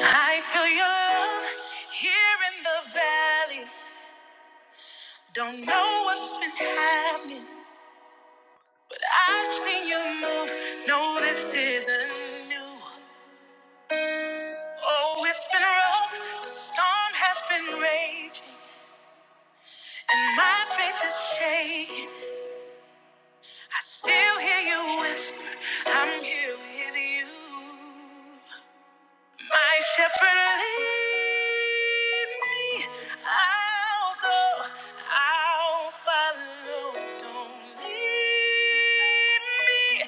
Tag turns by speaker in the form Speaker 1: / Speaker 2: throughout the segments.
Speaker 1: I feel your love here in the valley. Don't know what's been happening, but I've seen you move. No, this isn't new. Oh, it's been rough. The storm has been raging, and my faith is shaking. Still hear you whisper, I'm here with you. My shepherd lead me. I'll go. I'll follow. Don't leave me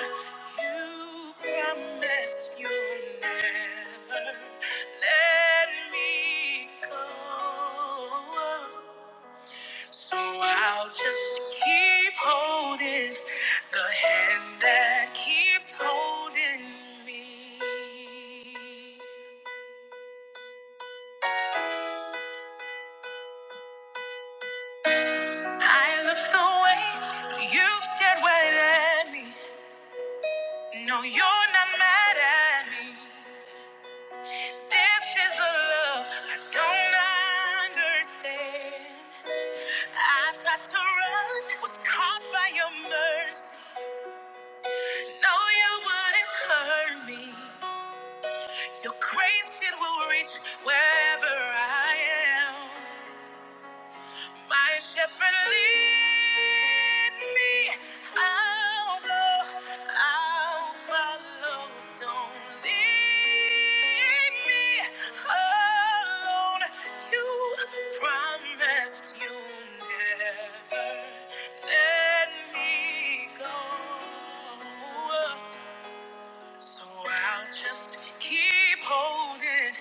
Speaker 1: alone. You promised you'll never let me go. So I'll just keep holding the hand that keeps holding me. I looked away, but you stared right at me. No, you're not mad at me. This is a love I don't understand. I tried to run, was caught by your mercy. No, you wouldn't hurt me. Your grace, it will reach wherever I am. My shepherd, lead me. I'll go, I'll follow. Don't leave me alone. You promised you never let me go. So I'll just keep holding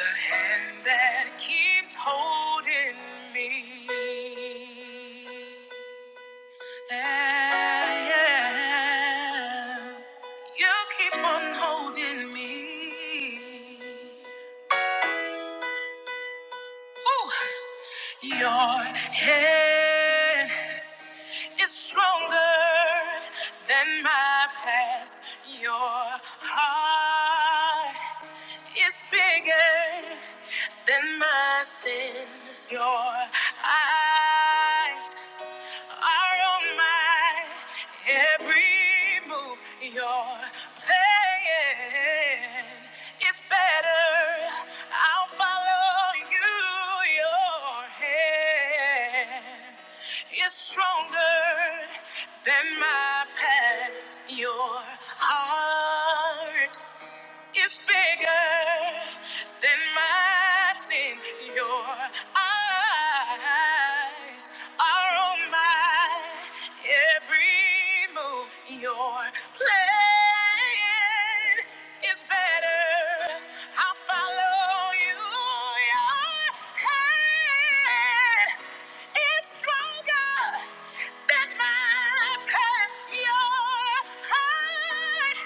Speaker 1: the hand that keeps holding me. Ah, Yeah. You keep on holding me. Ooh. Your hand. is stronger than my past. Your heart is bigger than my sin. Your eyes are on my every move. You're playing. It's better. I'll follow you. Your hand is stronger than my past. Your heart it's bigger than my sin. Your eyes are on my every move. Your plan is better. I'll follow you. Your hand is stronger than my past. Your heart.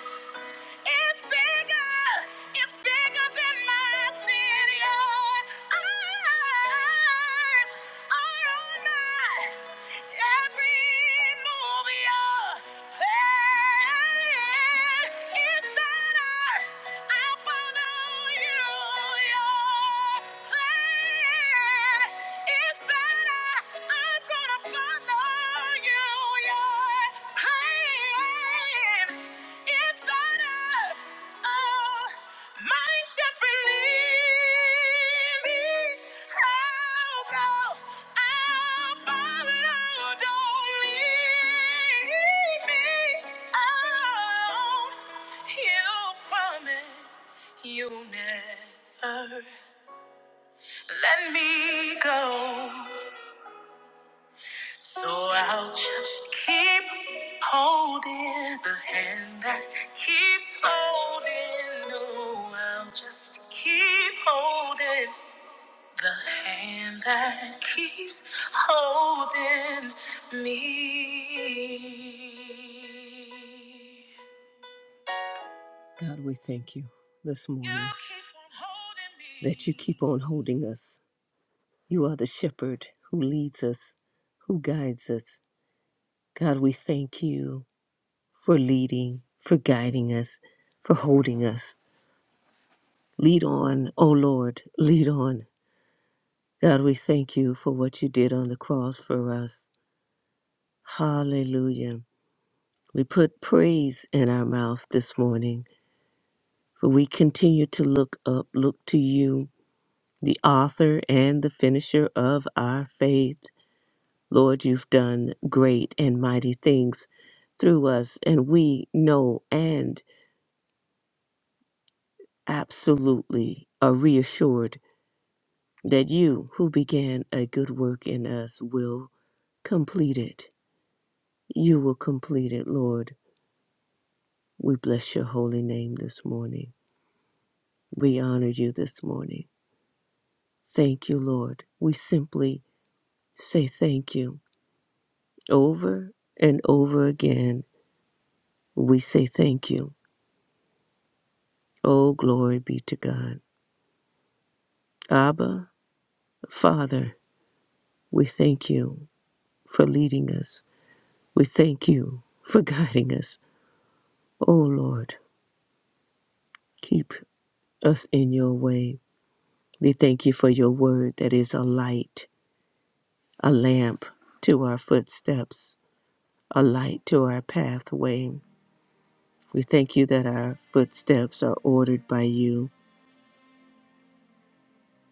Speaker 1: It's bigger. It's bigger than my city. Lord. Eyes are on my every move you're playing is better. I follow you. You're playing. It's better. I'm gonna follow you. Your pain It's better. Oh, my shepherd lead me. I'll go. I'll follow. Don't leave me. Oh, you promise you'll never let me go. So I'll just keep holding the hand that keeps holding. No, I'll just keep holding the hand that keeps holding me. God, we thank you this morning You keep on holding me. that you keep on holding us. You are the shepherd who leads us, who guides us. God, we thank you for leading, for guiding us, for holding us. Lead on, O Lord, lead on. God, we thank you for what you did on the cross for us. Hallelujah. We put praise in our mouth this morning, for we continue to look up, look to you, the author and the finisher of our faith. Lord, you've done great and mighty things through us, and we know and absolutely are reassured that you who began a good work in us will complete it. You will complete it, Lord. We bless your holy name this morning. We honor you this morning. Thank you, Lord. We simply say thank you over and over again. We say thank you. Oh, glory be to God. Abba, Father, we thank you for leading us. We thank you for guiding us. Oh, Lord, keep us in your way. We thank you for your word that is a light, a lamp to our footsteps, a light to our pathway. We thank you that our footsteps are ordered by you.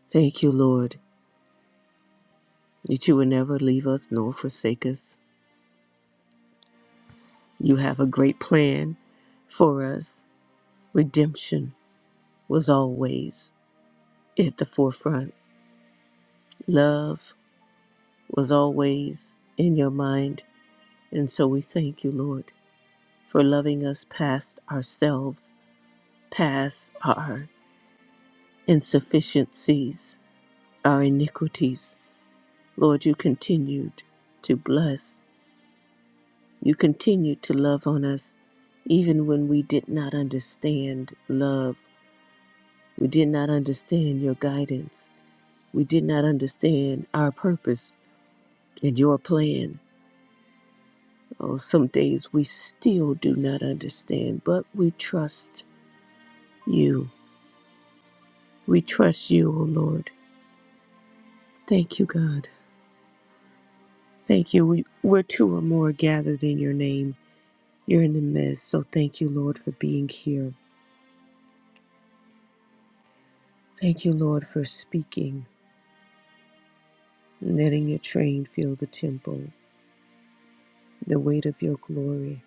Speaker 1: Thank you, Lord, that you will never leave us nor forsake us. You have a great plan for us. Redemption was always at the forefront, love was always in your mind. And so we thank you, Lord, for loving us past ourselves past our insufficiencies, our iniquities. Lord, you continued to bless. You continued to love on us even when we did not understand love. We did not understand your guidance. We did not understand our purpose and your plan. Oh, some days we still do not understand, but we trust you. We trust you, O Lord. Thank you, God. Thank you. We, where two or more are gathered in your name, you're in the midst. So thank you, Lord, for being here. Thank you, Lord, for speaking, letting your train fill the temple, the weight of your glory,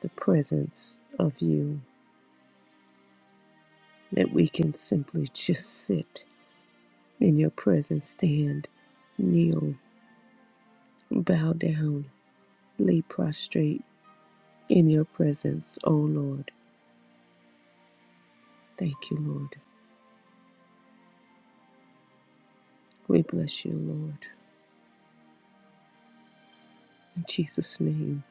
Speaker 1: the presence of you, that we can simply just sit in your presence, stand, kneel, bow down, lay prostrate in your presence, O Lord. Thank you, Lord. We bless you, Lord. In Jesus' name.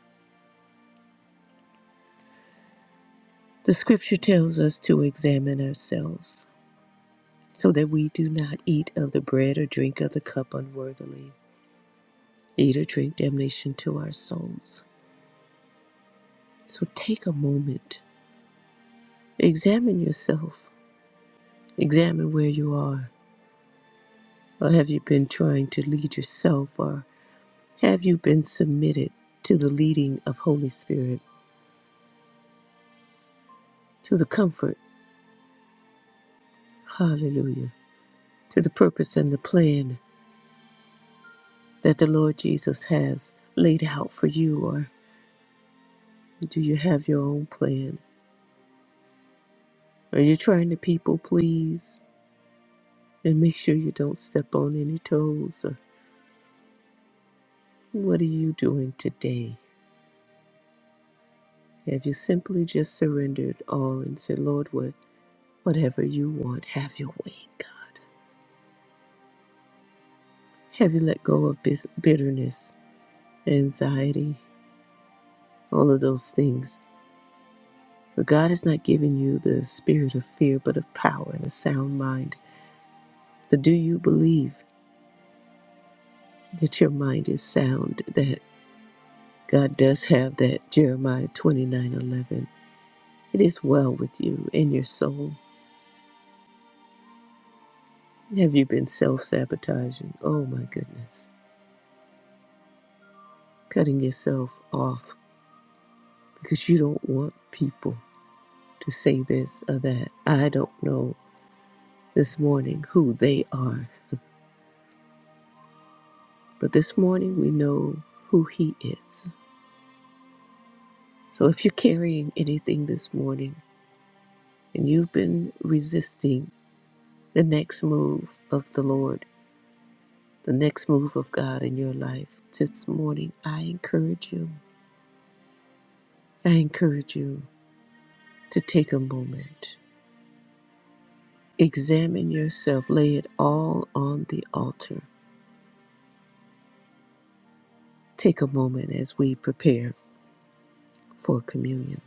Speaker 1: The scripture tells us to examine ourselves so that we do not eat of the bread or drink of the cup unworthily, eat or drink damnation to our souls. So take a moment, examine yourself, examine where you are, or have you been trying to lead yourself, or have you been submitted to the leading of Holy Spirit, to the comfort, hallelujah, to the purpose and the plan that the Lord Jesus has laid out for you, Or. Do you have your own plan? Are you trying to people please and make sure you don't step on any toes? Or what are you doing today? Have you simply just surrendered all and said, Lord, what, whatever you want, have your way, God? Have you let go of bis- bitterness, anxiety, all of those things? For God has not given you the spirit of fear, but of power and a sound mind. But do you believe that your mind is sound, That God does have that Jeremiah twenty nine eleven. It is well with you in your soul. Have you been self sabotaging? Oh my goodness. Cutting yourself off because you don't want people to say this or that. I don't know this morning who they are, but this morning we know who He is. So if you're carrying anything this morning and you've been resisting the next move of the Lord, the next move of God in your life this morning, I encourage you. I encourage you to take a moment, examine yourself, lay it all on the altar. Take a moment as we prepare for communion.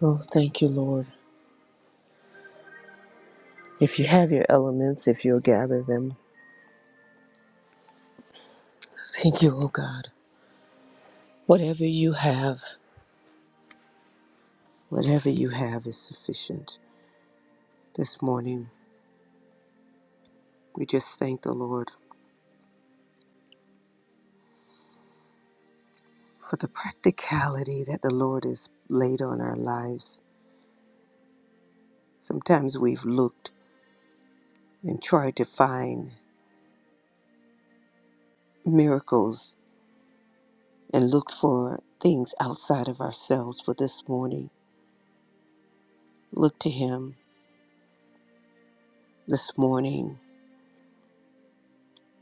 Speaker 1: Oh, thank you, Lord. If you have your elements, if you'll gather them, thank you, oh God. Whatever you have, whatever you have is sufficient. This morning, we just thank the Lord for the practicality that the Lord has laid on our lives. Sometimes we've looked and tried to find miracles and looked for things outside of ourselves, but this morning, look to Him this morning.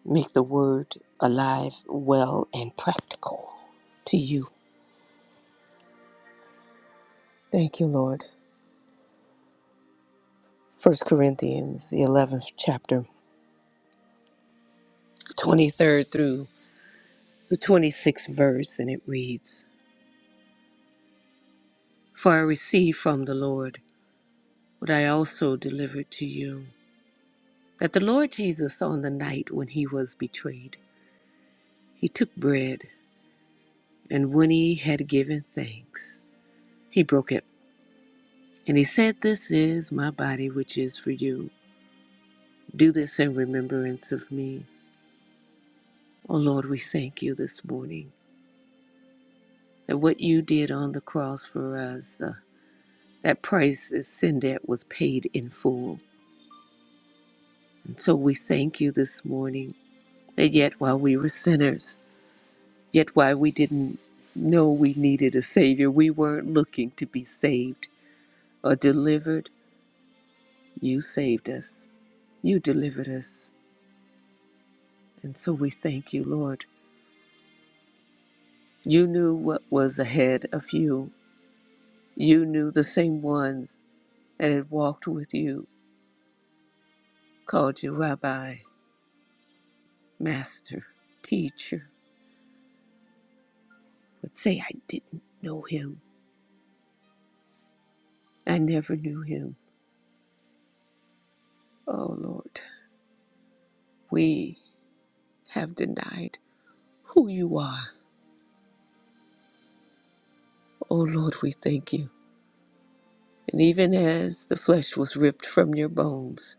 Speaker 1: Make the word alive, well, and practical to you. Thank you, Lord. First Corinthians, the 11th chapter, 23rd through the 26th verse, and it reads For I received from the Lord. what I also delivered to you. That the Lord Jesus, on the night when he was betrayed, he took bread, and when he had given thanks, he broke it. And he said, This is my body, which is for you. Do this in remembrance of me. Oh Lord, we thank you this morning that what you did on the cross for us, uh, that price, that sin debt, was paid in full. And so we thank you this morning that yet while we were sinners, Yet why we didn't know we needed a Savior, we weren't looking to be saved or delivered, you saved us. You delivered us. And so we thank you, Lord. You knew what was ahead of you. You knew the same ones that had walked with you, called you Rabbi, Master, Teacher, would say, I didn't know him. I never knew him. Oh, Lord, we have denied who you are. Oh, Lord, we thank you. And even as the flesh was ripped from your bones,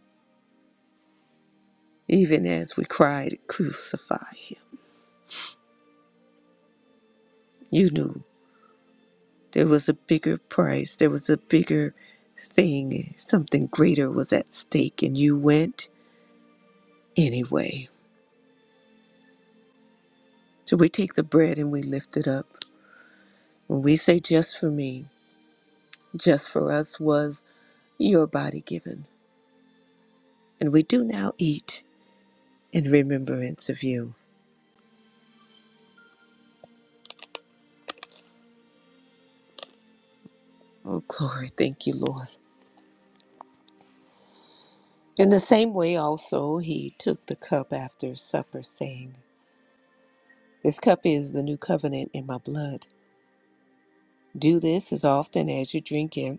Speaker 1: even as we cried, Crucify him, you knew there was a bigger price, there was a bigger thing, something greater was at stake, and you went anyway. So we take the bread and we lift it up. When we say just for me, just for us was your body given. And we do now eat in remembrance of you. Oh, glory. Thank you, Lord. In the same way, also, he took the cup after supper, saying, This cup is the new covenant in my blood. Do this as often as you drink it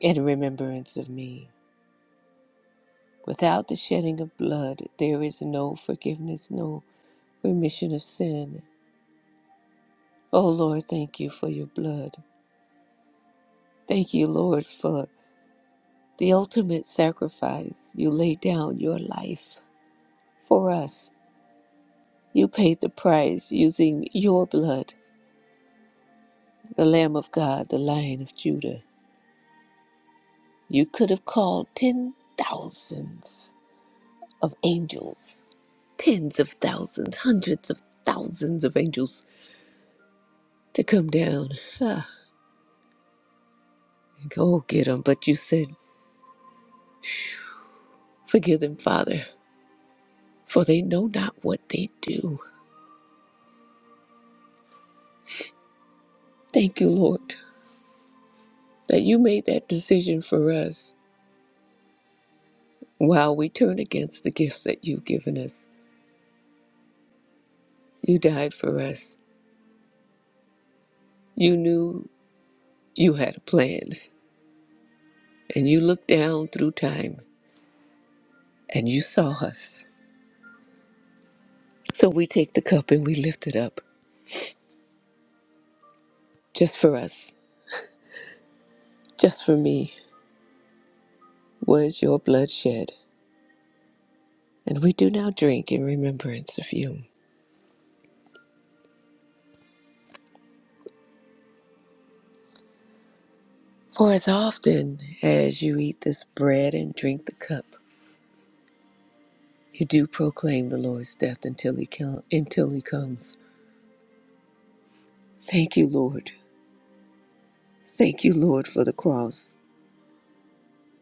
Speaker 1: in remembrance of me. Without the shedding of blood, there is no forgiveness, no remission of sin. Oh Lord, thank you for your blood. Thank you, Lord, for the ultimate sacrifice. You laid down your life for us. You paid the price using your blood the Lamb of God, the Lion of Judah. You could have called ten thousands of angels, tens of thousands, hundreds of thousands of angels to come down ah, and go get them. But you said, Forgive them, Father, for they know not what they do. Thank you, Lord, that you made that decision for us. While we turn against the gifts that you've given us, you died for us. You knew you had a plan, and you looked down through time and you saw us. So we take the cup and we lift it up just for us, just for me. Was your blood shed? And we do now drink in remembrance of you. For as often as you eat this bread and drink the cup, you do proclaim the Lord's death until he, come, until he comes. Thank you, Lord. Thank you, Lord, for the cross.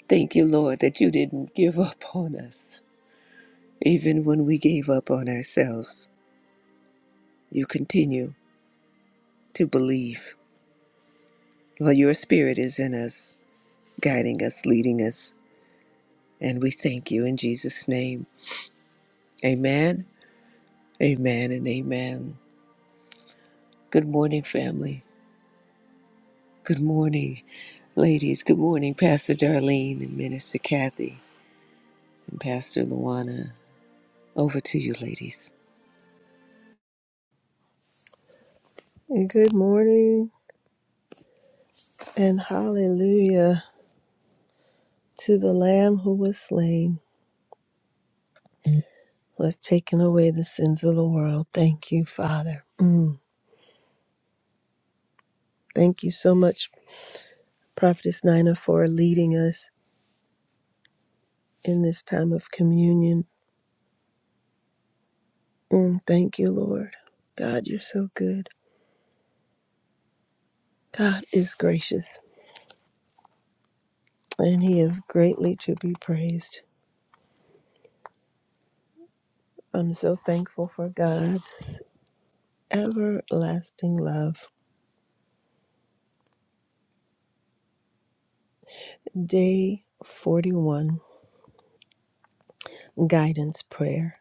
Speaker 1: Thank you, Lord, that you didn't give up on us. Even when we gave up on ourselves, you continue to believe Well, your spirit is in us, guiding us, leading us, and we thank you in Jesus' name. Amen, amen, and amen. Good morning, family. Good morning, ladies. Good morning, Pastor Darlene and Minister Kathy and Pastor Luana. Over to you, ladies.
Speaker 2: Good morning and hallelujah to the Lamb who was slain, who has taken away the sins of the world. Thank you, Father. Mm. Thank you so much, Prophetess Nina, for leading us in this time of communion. Mm. Thank you, Lord. God, you're so good. God is gracious and He is greatly to be praised. I'm so thankful for God's everlasting love. Day 41, Guidance Prayer.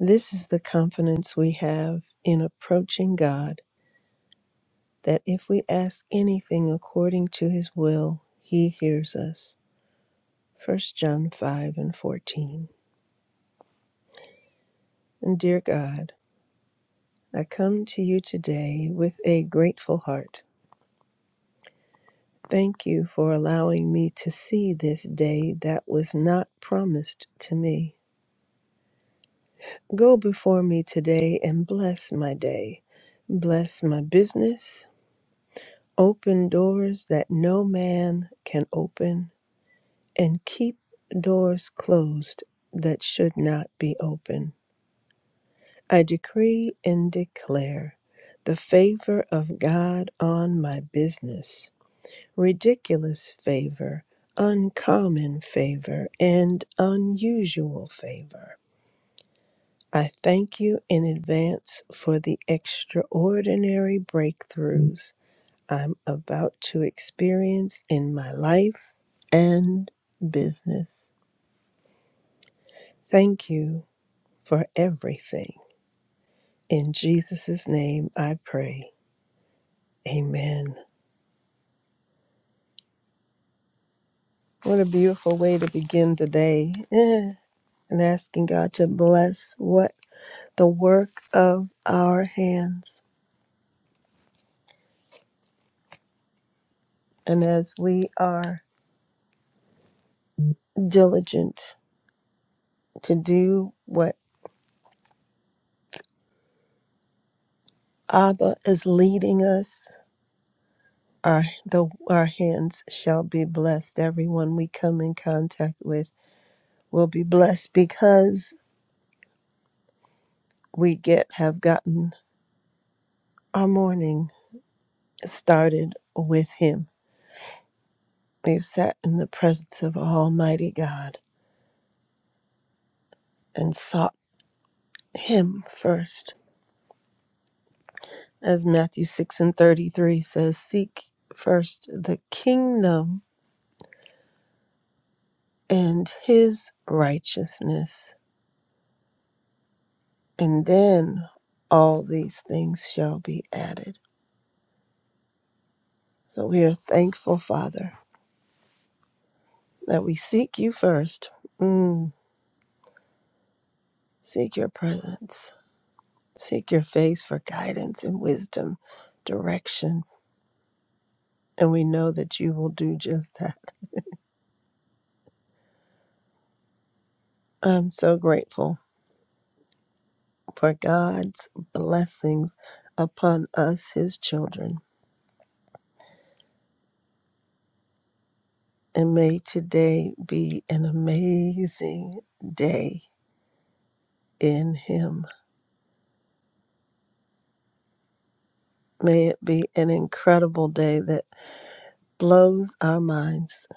Speaker 2: This is the confidence we have in approaching God that if we ask anything according to his will, he hears us. First John 5 and 14. And dear God, I come to you today with a grateful heart. Thank you for allowing me to see this day that was not promised to me. Go before me today and bless my day. Bless my business, Open doors that no man can open, and keep doors closed that should not be open. I decree and declare the favor of God on my business, ridiculous favor, uncommon favor, and unusual favor. I thank you in advance for the extraordinary breakthroughs I'm about to experience in my life and business. Thank you for everything. In Jesus' name I pray. Amen. What a beautiful way to begin the day. Eh, And asking God to bless what the work of our hands. And as we are diligent to do what Abba is leading us, Our, the, our hands shall be blessed. Everyone we come in contact with will be blessed because we get have gotten our morning started with Him. We've sat in the presence of Almighty God and sought Him first. As Matthew 6 and 33 says, Seek first the kingdom and His righteousness, and then all these things shall be added. So we are thankful, Father, that we seek you first. Mm, seek your presence. Seek your face for guidance and wisdom, direction. And we know that you will do just that. I'm so grateful for God's blessings upon us, his children. And may today be an amazing day in him. May it be an incredible day that blows our minds.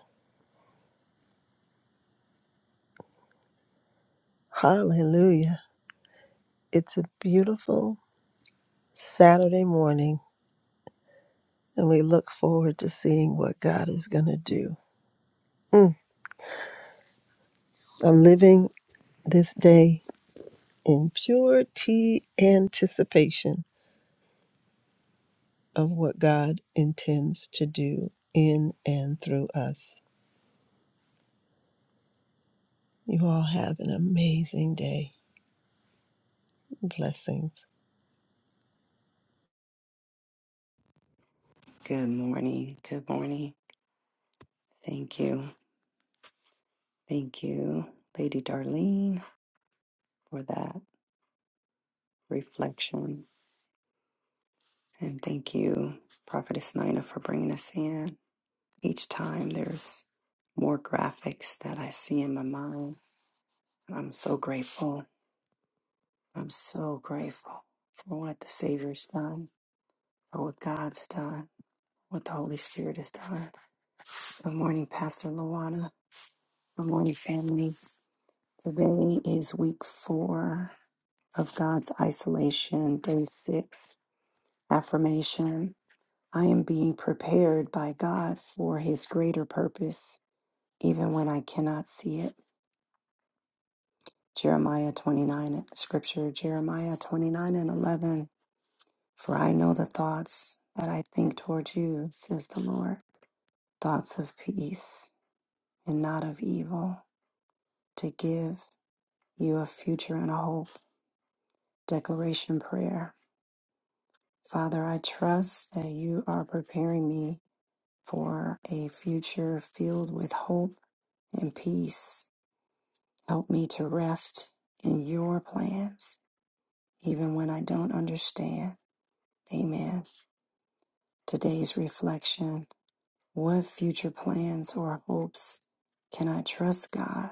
Speaker 2: Hallelujah It's a beautiful Saturday morning, and we look forward to seeing what God is going to do. Mm, I'm living this day in purity anticipation of what God intends to do in and through us. You all have an amazing day. Blessings.
Speaker 3: Good morning. Good morning. Thank you. Thank you, Lady Darlene, for that reflection. And thank you, Prophetess Nina, for bringing us in. Each time there's more graphics that I see in my mind. And I'm so grateful. I'm so grateful for what the Savior's done, for what God's done, what the Holy Spirit has done. Good morning, Pastor Luana. Good morning, families. Today is week four of God's Isolation, Day 6, Affirmation. I am being prepared by God for His greater purpose, even when I cannot see it. Jeremiah 29, Scripture, Jeremiah 29 and 11. For I know the thoughts that I think toward you, says the Lord, thoughts of peace and not of evil, to give you a future and a hope. Declaration Prayer. Father, I trust that you are preparing me for a future filled with hope and peace. Help me to rest in your plans, even when I don't understand. Amen. Today's reflection What future plans or hopes can I trust God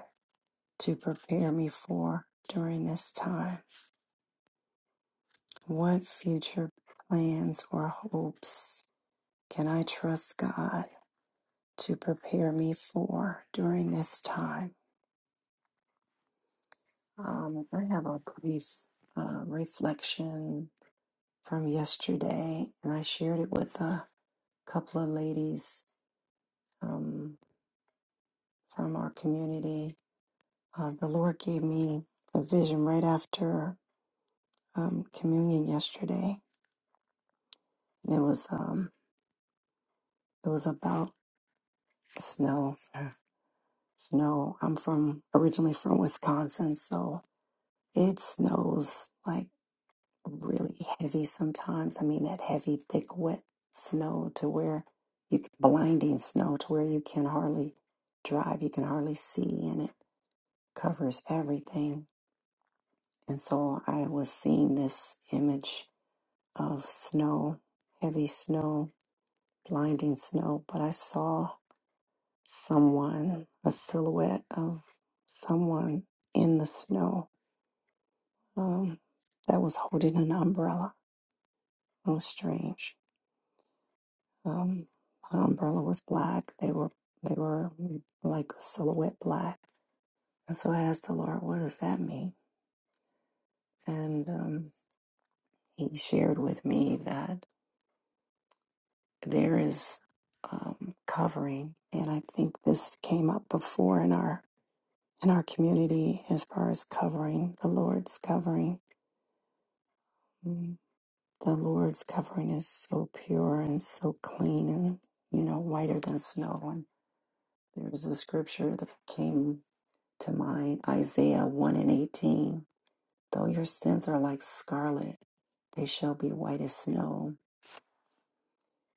Speaker 3: to prepare me for during this time? What future plans or hopes can I trust God to prepare me for during this time? Um, I have a brief uh, reflection from yesterday, and I shared it with a couple of ladies um, from our community. Uh, the Lord gave me a vision right after um, communion yesterday, and it was um, it was about snow. Snow. I'm from originally from Wisconsin, so it snows like really heavy sometimes. I mean, that heavy, thick, wet snow to where you c- blinding snow to where you can hardly drive, you can hardly see, and it covers everything. And so I was seeing this image of snow, heavy snow, blinding snow, but I saw someone, a silhouette of someone in the snow um, that was holding an umbrella. It was strange Um, her umbrella was black. They were they were mm, like a silhouette black. And so I asked the Lord, "What does that mean?" And um, He shared with me that there is um, covering, and I think this came up before in our in our community as far as covering the Lord's covering. Mm, The Lord's covering is so pure and so clean, and you know, whiter than snow. And there was a scripture that came. to mind Isaiah 1 and 18. Though your sins are like scarlet, they shall be white as snow.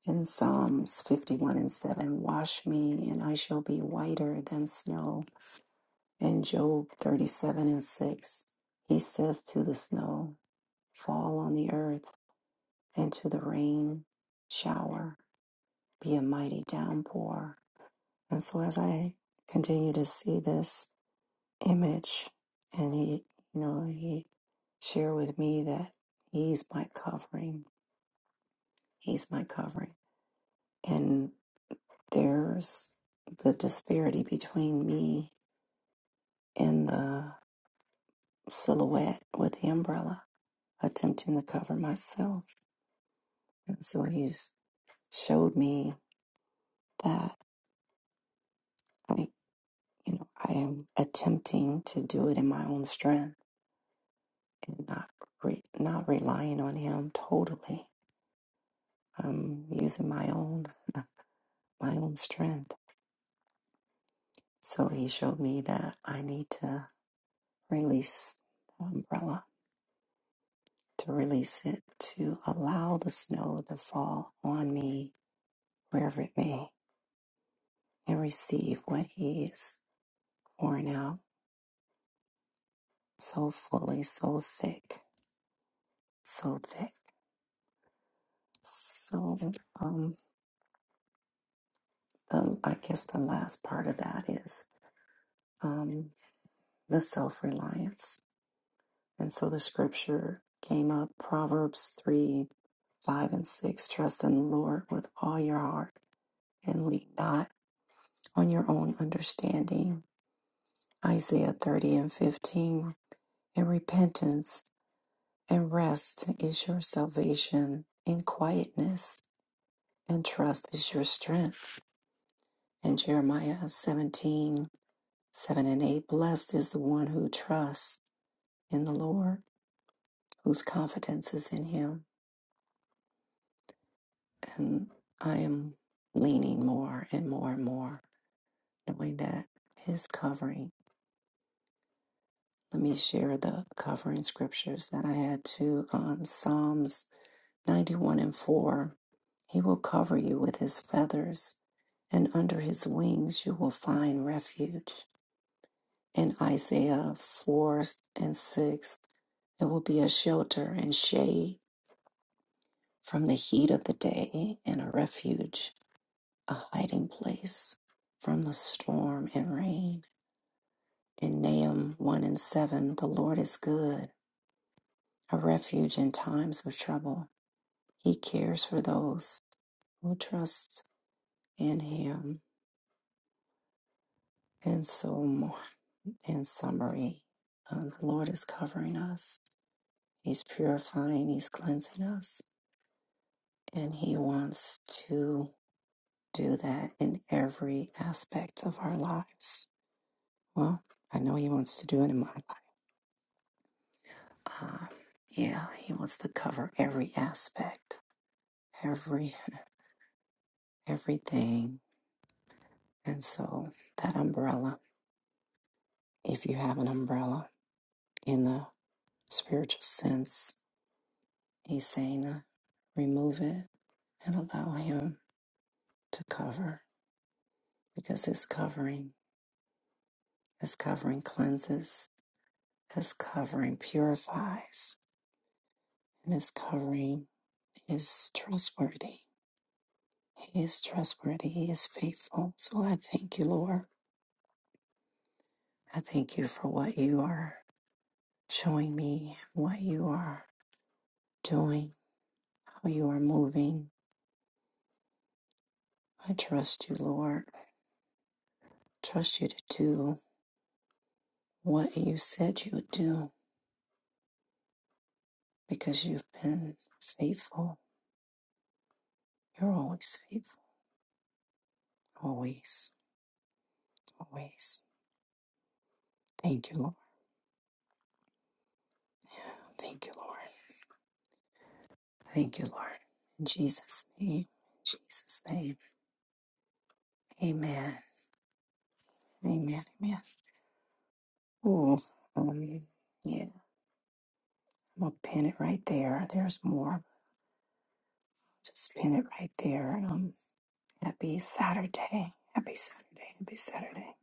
Speaker 3: And Psalms 51 and 7 Wash me, and I shall be whiter than snow. And Job 37 and 6 He says to the snow, Fall on the earth, and to the rain, shower, be a mighty downpour. And so as I continue to see this image, and he, you know, he share with me that He's my covering. He's my covering. And there's the disparity between me and the silhouette with the umbrella attempting to cover myself. And so He's showed me that I, you know, I am attempting to do it in my own strength and not re- not relying on Him totally. I'm using my own my own strength. So He showed me that I need to. release the umbrella, to release it, to allow the snow to fall on me wherever it may, and receive what He is pouring out so fully, so thick, so thick. So, um, the, I guess the last part of that is um, the self reliance. And so the scripture came up Proverbs 3 5 and 6 Trust in the Lord with all your heart and lean not on your own understanding. Isaiah 30 and 15. And repentance and rest is your salvation, and quietness and trust is your strength. And Jeremiah 17 7 and 8. Blessed is the one who trusts in the Lord, whose confidence is in him. And I am leaning more and more and more, knowing that his covering. Let me share the covering scriptures that I had to um, Psalms 91 and 4. He will cover you with his feathers, and under his wings you will find refuge. In Isaiah 4 and 6, it will be a shelter and shade from the heat of the day, and a refuge, a hiding place from the storm and rain. In Nahum 1 and 7, the Lord is good, a refuge in times of trouble. He cares for those who trust in him. And so, mo- in summary, uh, the Lord is covering us, He's purifying, He's cleansing us, and He wants to do that in every aspect of our lives. Well, I know He wants to do it in my life. Uh, yeah, He wants to cover every aspect, every everything. And so, that umbrella, if you have an umbrella in the spiritual sense, He's saying to remove it and allow Him to cover because His covering, His covering cleanses, His covering purifies, and His covering is trustworthy. He is trustworthy. He is faithful. So I thank you, Lord. I thank you for what you are showing me, what you are doing, how you are moving. I trust you, Lord. Trust you to do what you said you would do. because you've been faithful. You're always faithful. Always, always. Thank you, Lord. Thank you, Lord. Thank you, Lord. In Jesus' name. In Jesus' name. Amen. Amen. Amen. Ooh. Um, yeah. I'm gonna pin it right there. There's more. Just pin it right there. Um, happy Saturday. Happy Saturday. Happy Saturday.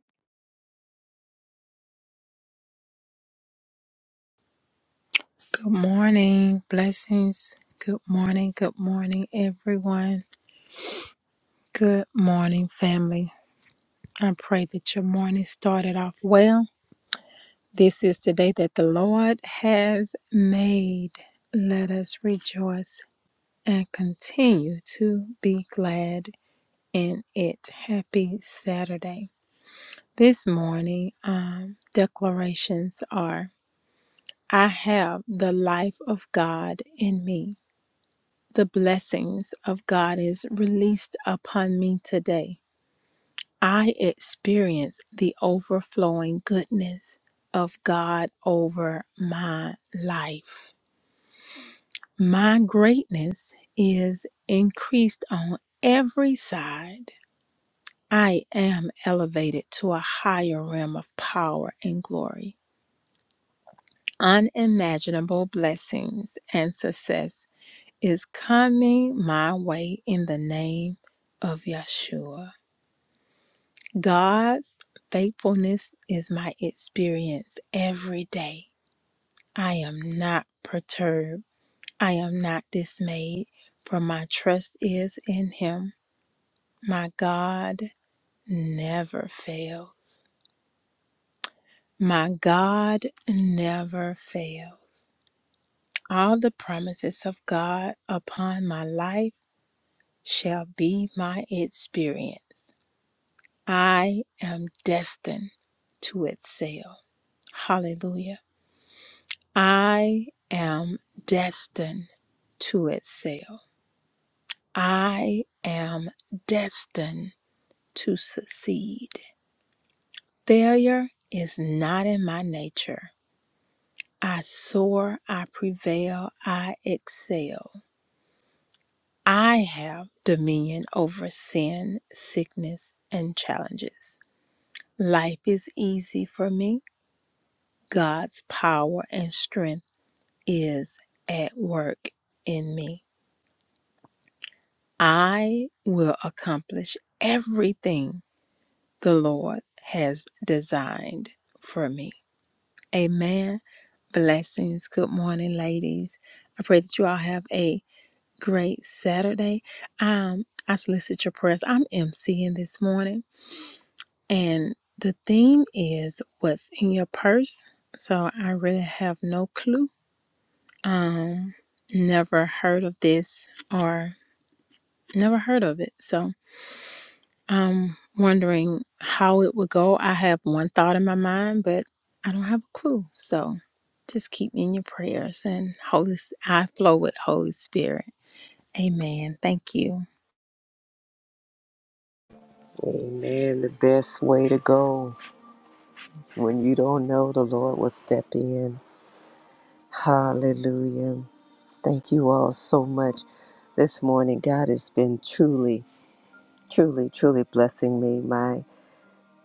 Speaker 4: Good morning. Blessings. Good morning. Good morning, everyone. Good morning, family. I pray that your morning started off well. This is the day that the Lord has made. Let us rejoice and continue to be glad in it. Happy Saturday. This morning, um, declarations are I have the life of God in me. The blessings of God is released upon me today. I experience the overflowing goodness of God over my life. My greatness is increased on every side. I am elevated to a higher realm of power and glory. Unimaginable blessings and success is coming my way in the name of Yeshua. God's faithfulness is my experience every day. I am not perturbed. I am not dismayed, for my trust is in Him. My God never fails. My God never fails. All the promises of God upon my life shall be my experience. I am destined to excel. Hallelujah. I am destined to excel. I am destined to succeed. Failure is not in my nature. I soar, I prevail, I excel. I have dominion over sin, sickness, and challenges. Life is easy for me. God's power and strength is at work in me. I will accomplish everything the Lord has designed for me. Amen. Blessings. Good morning, ladies. I pray that you all have a great Saturday. Um, I solicit your prayers. I'm emceeing this morning, and the theme is what's in your purse. So I really have no clue. Um, never heard of this or never heard of it. So I'm wondering how it would go. I have one thought in my mind, but I don't have a clue. So just keep me in your prayers and Holy I flow with Holy Spirit. Amen. Thank you.
Speaker 1: Amen. The best way to go when you don't know, the Lord will step in. Hallelujah. Thank you all so much this morning. God has been truly truly, truly blessing me. My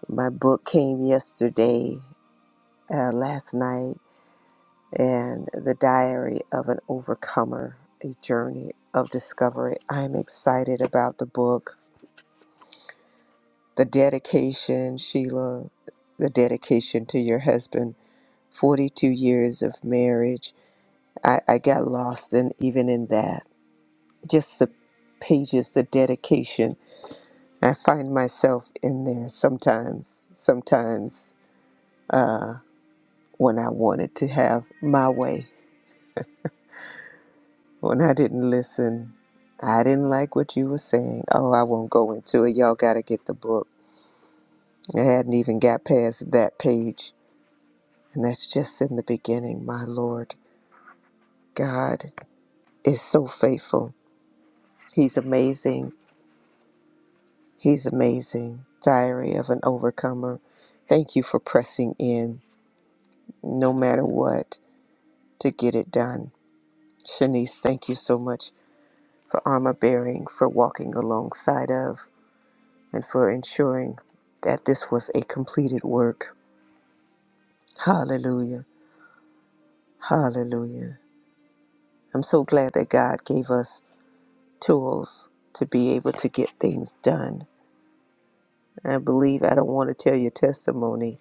Speaker 1: my book came yesterday, uh, last night, and the diary of an overcomer, a journey of discovery. I'm excited about the book. The dedication, Sheila, the dedication to your husband. 42 years of marriage. I, I got lost in even in that. Just the pages, the dedication. I find myself in there sometimes, sometimes. Uh, when I wanted to have my way, when I didn't listen. I didn't like what you were saying. Oh, I won't go into it. Y'all got to get the book. I hadn't even got past that page. And that's just in the beginning, my Lord. God is so faithful. He's amazing. He's amazing. Diary of an Overcomer. Thank you for pressing in, no matter what, to get it done. Shanice, thank you so much for armor bearing, for walking alongside of. and for ensuring that this was a completed work. Hallelujah. Hallelujah. I'm so glad that God gave us tools to be able to get things done. I believe, I don't want to tell your testimony,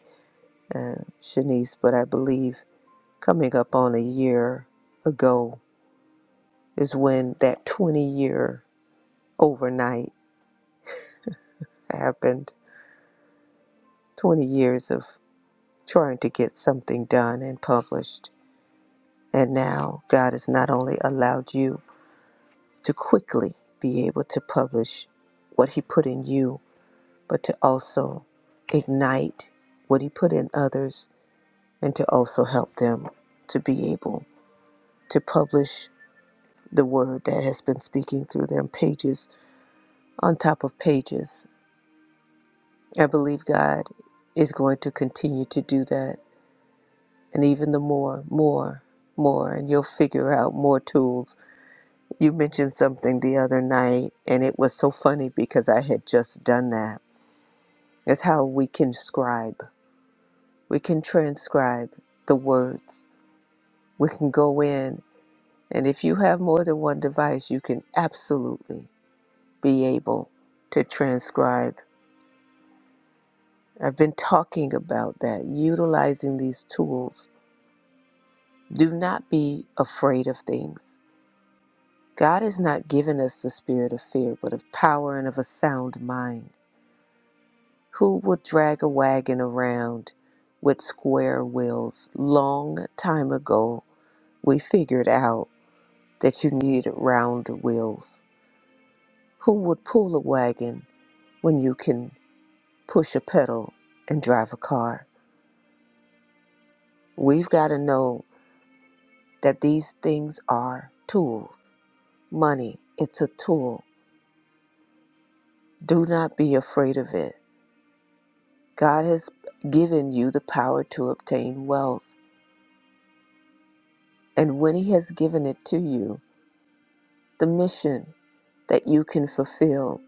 Speaker 1: uh, Shanice, but I believe coming up on a year ago is when that 20 year overnight happened. 20 years of trying to get something done and published. And now God has not only allowed you to quickly be able to publish what He put in you, but to also ignite what He put in others and to also help them to be able to publish the word that has been speaking through them, pages on top of pages. I believe God is going to continue to do that, and even the more, more, more, and you'll figure out more tools. You mentioned something the other night, and it was so funny because I had just done that That's how we can scribe. We can transcribe the words. We can go in, and if you have more than one device, you can absolutely be able to transcribe. I've been talking about that, utilizing these tools. Do not be afraid of things. God has not given us the spirit of fear, but of power and of a sound mind. Who would drag a wagon around with square wheels long time ago? We figured out that you need round wheels. Who would pull a wagon when you can push a pedal and drive a car? We've got to know that these things are tools. Money, it's a tool. Do not be afraid of it. God has given you the power to obtain wealth. And when He has given it to you, the mission that you can fulfill.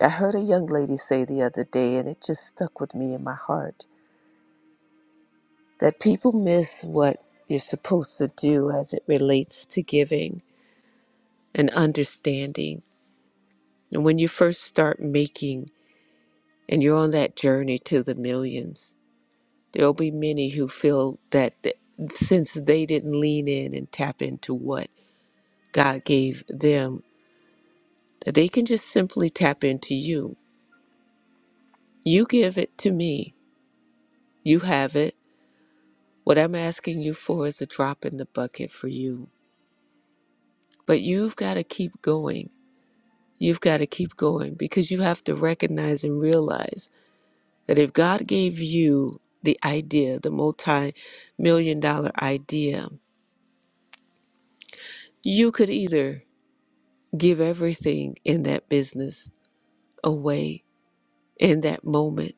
Speaker 1: I heard a young lady say the other day, and it just stuck with me in my heart that people miss what you're supposed to do as it relates to giving and understanding. And when you first start making and you're on that journey to the millions, there'll be many who feel that th- since they didn't lean in and tap into what God gave them, that they can just simply tap into you. You give it to me, you have it. What I'm asking you for is a drop in the bucket for you. But you've got to keep going You've got to keep going because you have to recognize and realize that if God gave you the idea, the multi million dollar idea, you could either give everything in that business away in that moment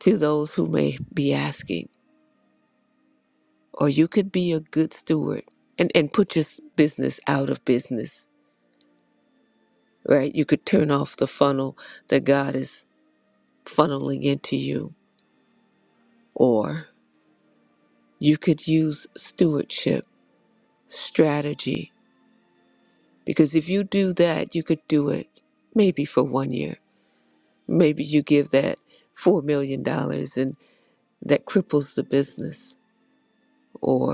Speaker 1: to those who may be asking, or you could be a good steward and, and put your s- business out of business, right? You could turn off the funnel that God is funneling into you, or you could use stewardship strategy because if you do that, you could do it maybe for one year. Maybe you give that $4 million dollars and that cripples the business. Or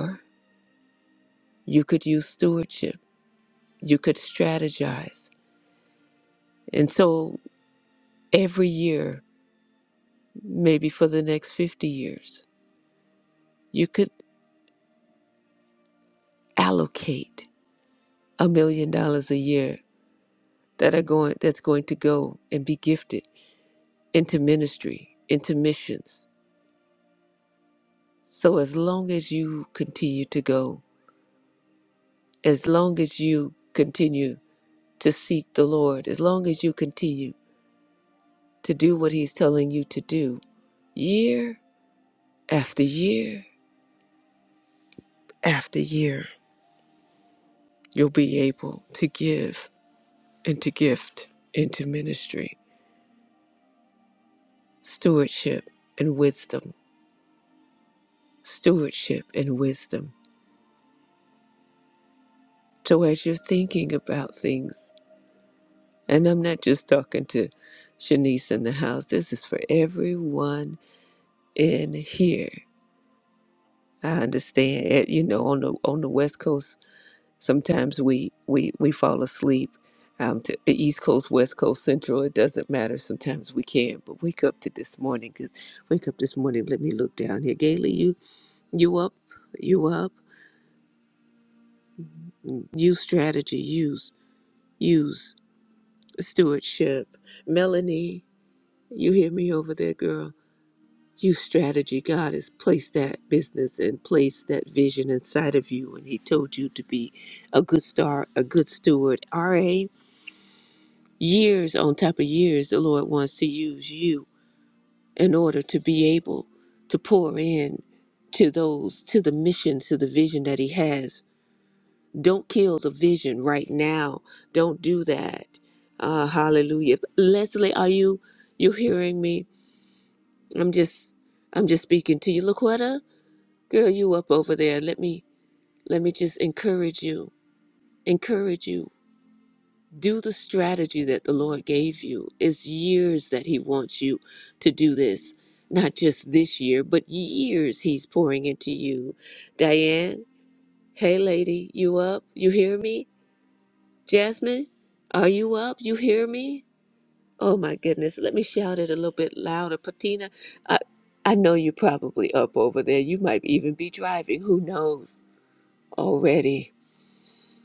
Speaker 1: you could use stewardship, you could strategize. And so every year, maybe for the next 50 years, you could allocate a million dollars a year that are going that's going to go and be gifted into ministry, into missions, So as long as you continue to go, as long as you continue to seek the Lord, as long as you continue to do what He's telling you to do, year after year after year, you'll be able to give and to gift into ministry, stewardship and wisdom, stewardship and wisdom. So as you're thinking about things, and I'm not just talking to Shanice in the house, this is for everyone in here. I understand, eh, you know, on the on the West Coast, sometimes we we we fall asleep. Um, to the East Coast, West Coast, Central, it doesn't matter. Sometimes we can, but wake up to this morning. Cause wake up this morning. Let me look down here. Gailey, you you up? You up? Mm, Use strategy. Use use stewardship. Melanie, you hear me over there, girl? you strategy. God has placed that business and placed that vision inside of you, and He told you to be a good star, a good steward. RA, years on top of years, the Lord wants to use you in order to be able to pour in to those, to the mission, to the vision that He has. Don't kill the vision right now. Don't do that. Uh, hallelujah. Leslie, are you you hearing me? I'm just I'm just speaking to you, Laquetta. Girl, you up over there. Let me let me just encourage you. Encourage you. Do the strategy that the Lord gave you. It's years that He wants you to do this. Not just this year, but years He's pouring into you. Diane, hey lady, you up? You hear me? Jasmine, are you up? You hear me? Oh my goodness. Let me shout it a little bit louder. Patina, I I know you're probably up over there. You might even be driving. Who knows? Already.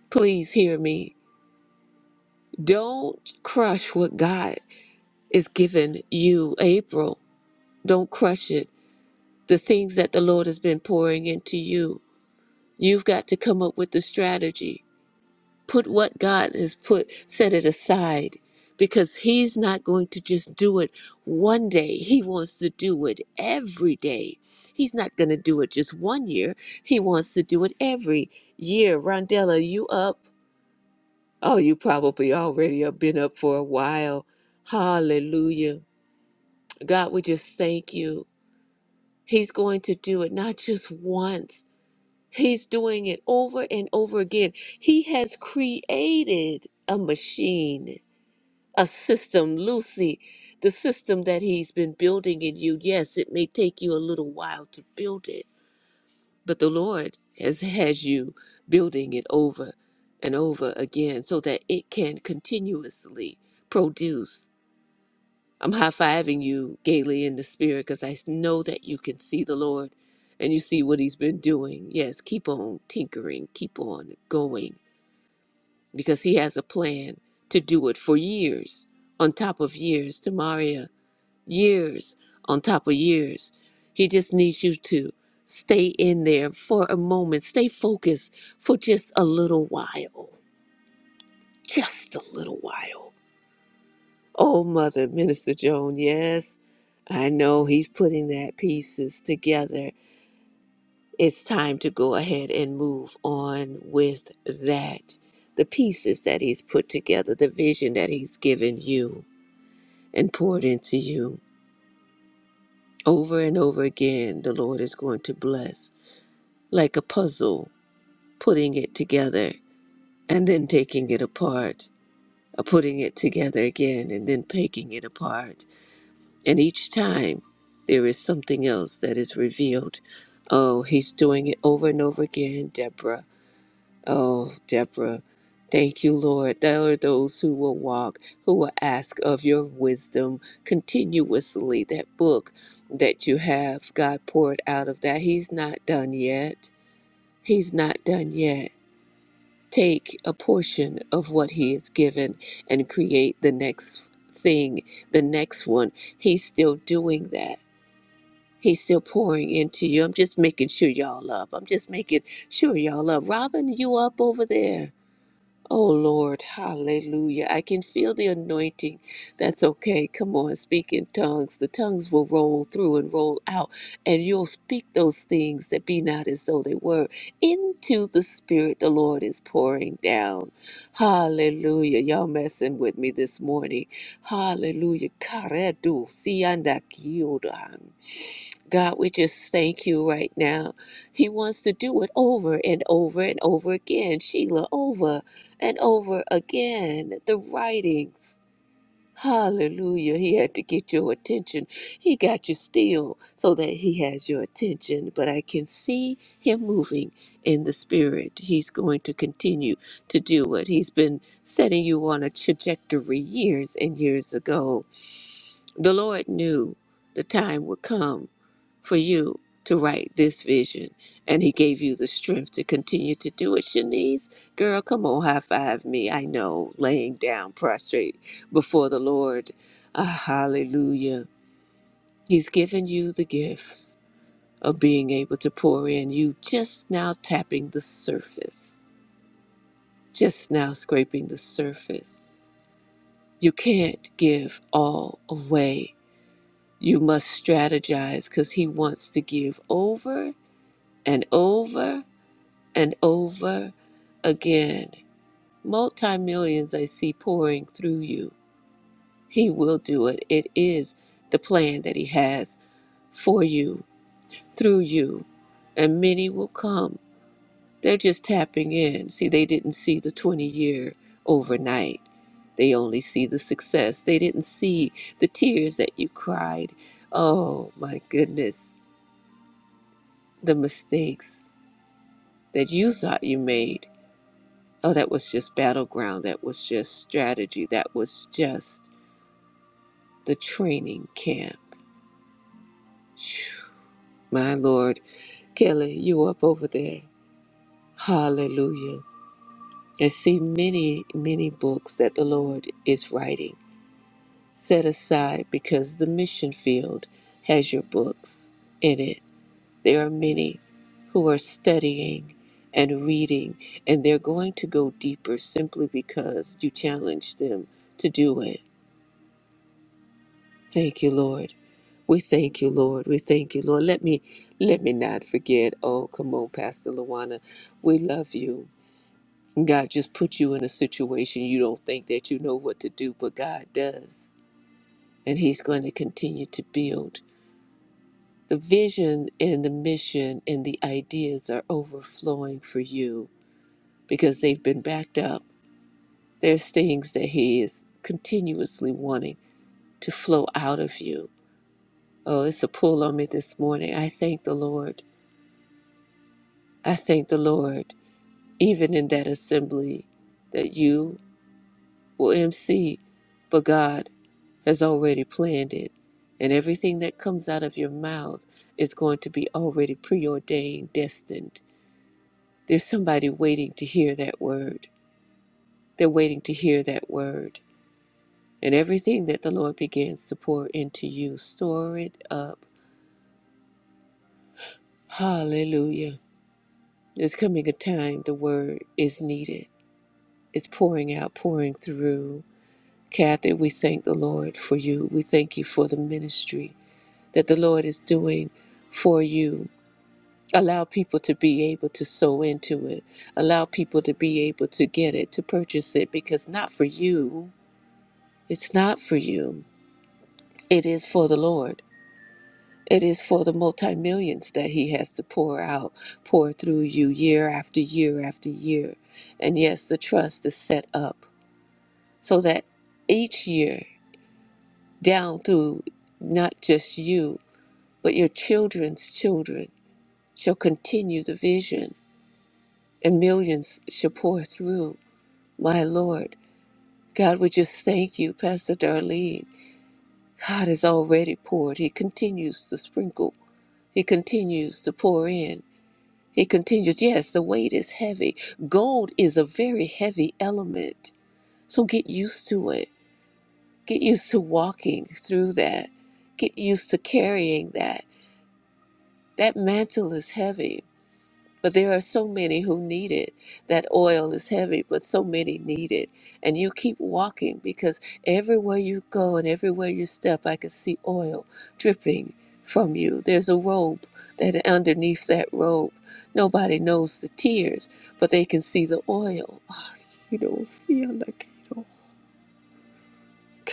Speaker 1: Please hear me. Don't crush what God is giving you, April. Don't crush it. The things that the Lord has been pouring into you. You've got to come up with the strategy. Put what God has put, set it aside because He's not going to just do it one day. He wants to do it every day. He's not going to do it just one year. He wants to do it every year. Rondella, you up? Oh, you probably already have been up for a while. Hallelujah. God, we just thank you. He's going to do it not just once, He's doing it over and over again. He has created a machine, a system, Lucy, the system that He's been building in you. Yes, it may take you a little while to build it But the Lord has, has you building it over and over again so that it can continuously produce. I'm high fiving you gaily in the spirit because I know that you can see the Lord and you see what He's been doing. Yes, keep on tinkering, keep on going because He has a plan to do it for years on top of years. Tamaria, years on top of years. He just needs you to stay in there for a moment, stay focused for just a little while. Just a little while. Oh, Mother, Minister Joan, yes, I know he's putting that pieces together. It's time to go ahead and move on with that. The pieces that he's put together, the vision that he's given you and poured into you over and over again, the Lord is going to bless like a puzzle, putting it together and then taking it apart, or putting it together again and then taking it apart. And each time there is something else that is revealed. Oh, he's doing it over and over again, Deborah. Oh, Deborah. Thank you, Lord. There are those who will walk, who will ask of your wisdom continuously. That book that you have, God poured out of that. He's not done yet. He's not done yet. take a portion of what he is given and create the next thing, the next one. He's still doing that. He's still pouring into you. I'm just making sure y'all up. I'm just making sure y'all up. Robin, you up over there? Oh Lord, hallelujah. I can feel the anointing. That's okay. Come on, speak in tongues. The tongues will roll through and roll out, and you'll speak those things that be not as though they were into the Spirit the Lord is pouring down. Hallelujah. Y'all messing with me this morning. Hallelujah. Karedu sianda God, we just thank you right now. He wants to do it over and over and over again. Sheila, over and over again. The writings. Hallelujah. He had to get your attention. He got you still so that he has your attention. But I can see him moving in the spirit. He's going to continue to do it. He's been setting you on a trajectory years and years ago the Lord knew the time would come for you to write this vision, and He gave you the strength to continue to do it. Shanice, girl, come on, high five me. I know, laying down prostrate before the Lord. Ah, hallelujah. He's given you the gifts of being able to pour in. You just now tapping the surface, just now scraping the surface. You can't give all away You must strategize because He wants to give over and over and over again. Multi millions I see pouring through you. He will do it. It is the plan that He has for you, through you, and many will come. They're just tapping in. See, they didn't see the 20 year overnight. They only see the success. They didn't see the tears that you cried. Oh my goodness the mistakes that you thought you made. Oh, that was just battleground. That was just strategy. That was just the training camp. Phew. My Lord, Kelly, you up over there. Hallelujah. I see many, many books that the Lord is writing set aside because the mission field has your books in it. There are many who are studying and reading, and they're going to go deeper simply because you challenge them to do it. Thank you, Lord. We thank you, Lord. We thank you, Lord. Let me let me not forget. Oh, come on, Pastor Luana. We love you. God just put you in a situation you don't think that you know what to do, but God does. And He's going to continue to build. The vision and the mission and the ideas are overflowing for you because they've been backed up. There's things that He is continuously wanting to flow out of you. Oh, it's a pull on me this morning. I thank the Lord. I thank the Lord, even in that assembly that you will MC, but God has already planned it. And everything that comes out of your mouth is going to be already preordained, destined. There's somebody waiting to hear that word. They're waiting to hear that word And everything that the Lord begins to pour into you, store it up. Hallelujah. There's coming a time the word is needed. It's pouring out, pouring through. Kathy, we thank the Lord for you. We thank you for the ministry that the Lord is doing for you. Allow people to be able to sow into it. Allow people to be able to get it, to purchase it, because not for you. It's not for you. It is for the Lord. It is for the multi-millions that he has to pour out, pour through you year after year after year. And yes, the trust is set up so that each year, down through not just you, but your children's children shall continue the vision and millions shall pour through. My Lord, God, we just thank you, Pastor Darlene. God has already poured. He continues to sprinkle. He continues to pour in. He continues, Yes, the weight is heavy. Gold is a very heavy element. So get used to it. Get used to walking through that. Get used to carrying that. That mantle is heavy. But there are so many who need it. That oil is heavy, but so many need it. And you keep walking because everywhere you go and everywhere you step, I can see oil dripping from you. There's a robe that underneath that robe, nobody knows the tears, but they can see the oil. Ah, You don't see Anakato.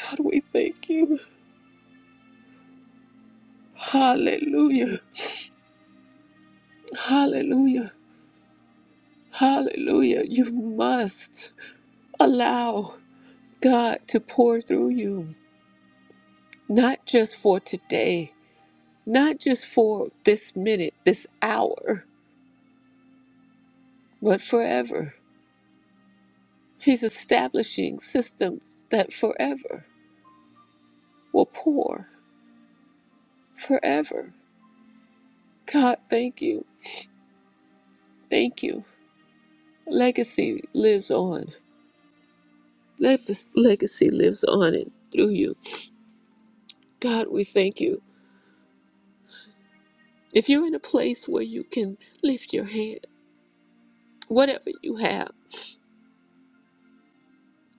Speaker 1: God, we thank you. Hallelujah. Hallelujah. Hallelujah. You must allow. God, to pour through you, not just for today, not just for this minute, this hour, but forever. He's establishing systems that forever will pour, forever. God, thank you. Thank you. Legacy lives on. Leg- Legacy lives on and through you. God, we thank you. If you're in a place where you can lift your hand, whatever you have, I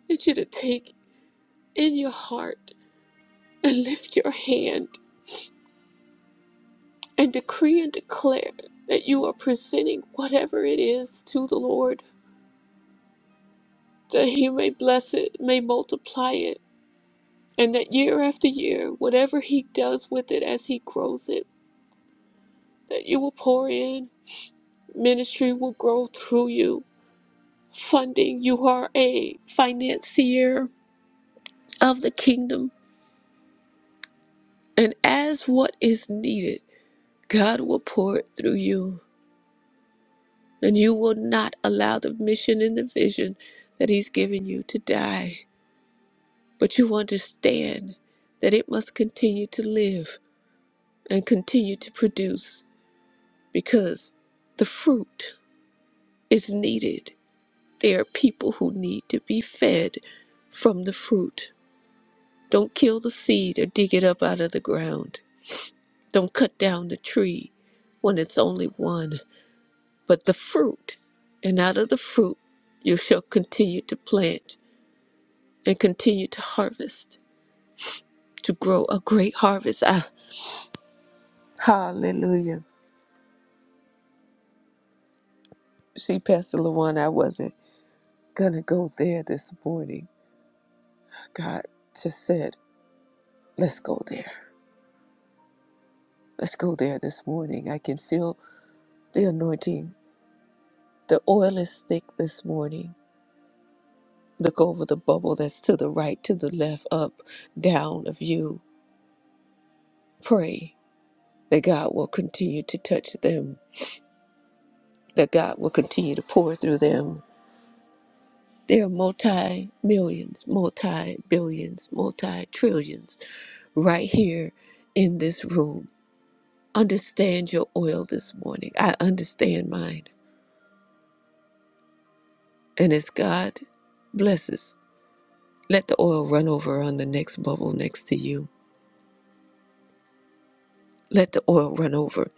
Speaker 1: want you to take in your heart and lift your hand and decree and declare that you are presenting whatever it is to the Lord, that He may bless it, may multiply it, and that year after year, whatever He does with it as He grows it, that you will pour in, ministry will grow through you. Funding, you are a financier of the kingdom, and as what is needed, God will pour it through you. and you will not allow the mission and the vision that He's given you to die. But you understand that it must continue to live and continue to produce because the fruit is needed. There are people who need to be fed from the fruit. Don't kill the seed or dig it up out of the ground. Don't cut down the tree when it's only one, but the fruit. And out of the fruit you shall continue to plant and continue to harvest, to grow a great harvest. Ah, hallelujah. See, Pastor Lawan, I wasn't going to go there this morning. God just said, let's go there. Let's go there this morning. I can feel the anointing. The oil is thick this morning. Look over the bubble that's to the right, to the left, up, down of you. Pray that God will continue to touch them, that God will continue to pour through them, They are multi millions, multi billions, multi trillions right here in this room. Understand your oil this morning. I understand mine. And as God blesses, let the oil run over on the next bubble next to you. Let the oil run over,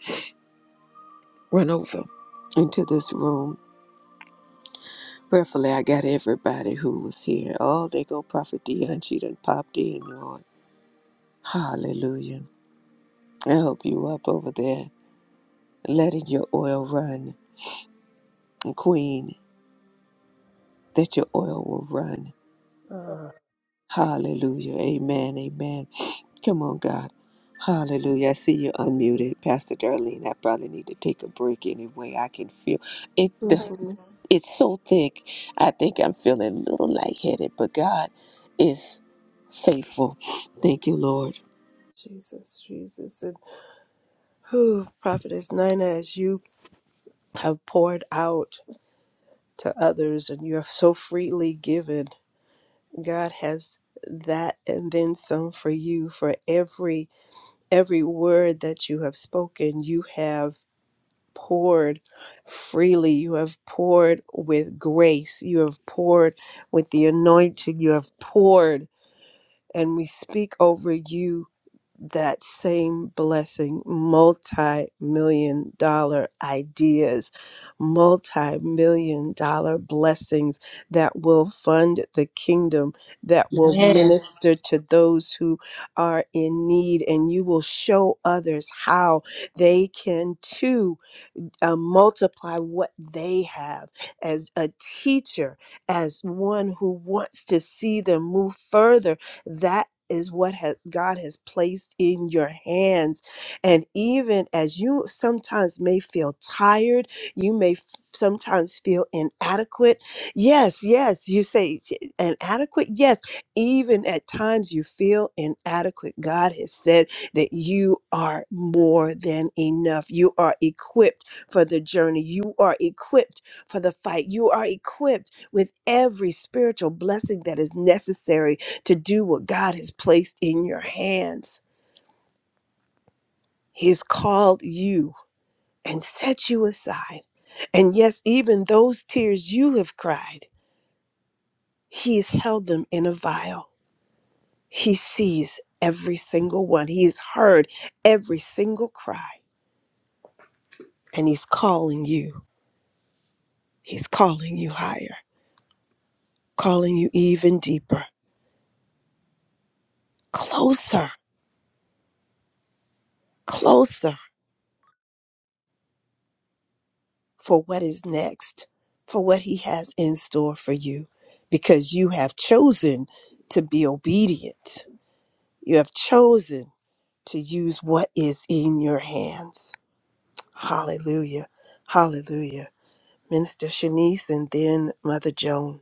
Speaker 1: run over into this room. Prayerfully, I got everybody who was here. Oh, they go Prophet Dion. She done popped in, Lord. Hallelujah. I hope you up over there. letting your oil run. Queen, that your oil will run.
Speaker 2: Ah,
Speaker 1: Hallelujah. Amen. Amen. Come on, God. Hallelujah. I see you unmuted, Pastor Darlene. I probably need to take a break anyway. I can feel it. The,
Speaker 2: hmm
Speaker 1: it's so thick. I think I'm feeling a little lightheaded, but God is faithful. Thank you, Lord.
Speaker 2: Jesus, Jesus. And who, Prophetess Nina, as you have poured out to others and you have so freely given, God has that and then some for you for every every word that you have spoken you have poured freely you have poured with grace you have poured with the anointing you have poured and we speak over you that same blessing multi million dollar ideas, multi million dollar blessings that will fund the kingdom, that will Yes.
Speaker 4: Yes.
Speaker 2: minister to those who are in need, and you will show others how they can too uh, multiply what they have as a teacher, as one who wants to see them move further. That is what has, God has placed in your hands. And even as you sometimes may feel tired, you may f- sometimes feel inadequate. Yes, yes, you say "J- inadequate. Yes, even at times you feel inadequate. God has said that you are more than enough. You are equipped for the journey. You are equipped for the fight. You are equipped with every spiritual blessing that is necessary to do what God has placed in your hands. He's called you and set you aside. And yes, even those tears you have cried, He has held them in a vial. He sees every single one, He has heard every single cry, and He's calling you. He's calling you higher, calling you even deeper, closer closer for what is next, for what He has in store for you, because you have chosen to be obedient. You have chosen to use what is in your hands. Hallelujah. Hallelujah. Minister Shanice and then Mother Joan.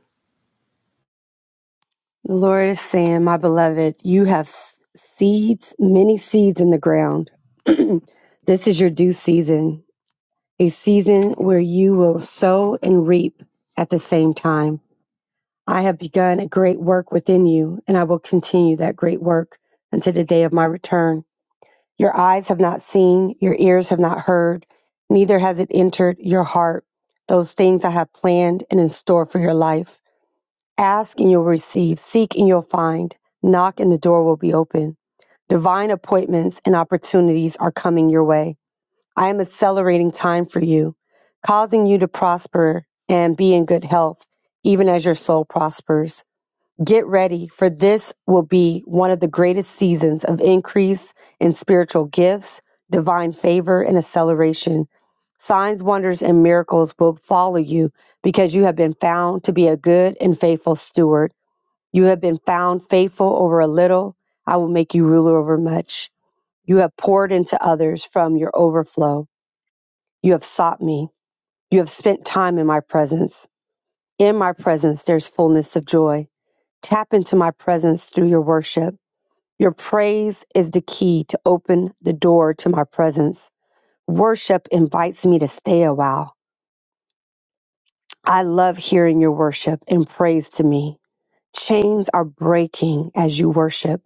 Speaker 5: The Lord is saying, My beloved, you have s- seeds, many seeds in the ground. this is your due season, a season where you will sow and reap at the same time. I have begun a great work within you, and I will continue that great work until the day of my return. Your eyes have not seen, your ears have not heard, neither has it entered your heart, those things I have planned and in store for your life. Ask and you'll receive, seek and you'll find, knock and the door will be open. Divine appointments and opportunities are coming your way. I am accelerating time for you, causing you to prosper and be in good health, even as your soul prospers. Get ready, for this will be one of the greatest seasons of increase in spiritual gifts, divine favor, and acceleration. Signs, wonders, and miracles will follow you because you have been found to be a good and faithful steward you have been found faithful over a little. I will make you ruler over much. You have poured into others from your overflow. You have sought me. You have spent time in my presence. In my presence, there's fullness of joy. Tap into my presence through your worship. Your praise is the key to open the door to my presence. Worship invites me to stay a while. I love hearing your worship and praise to me. Chains are breaking as you worship.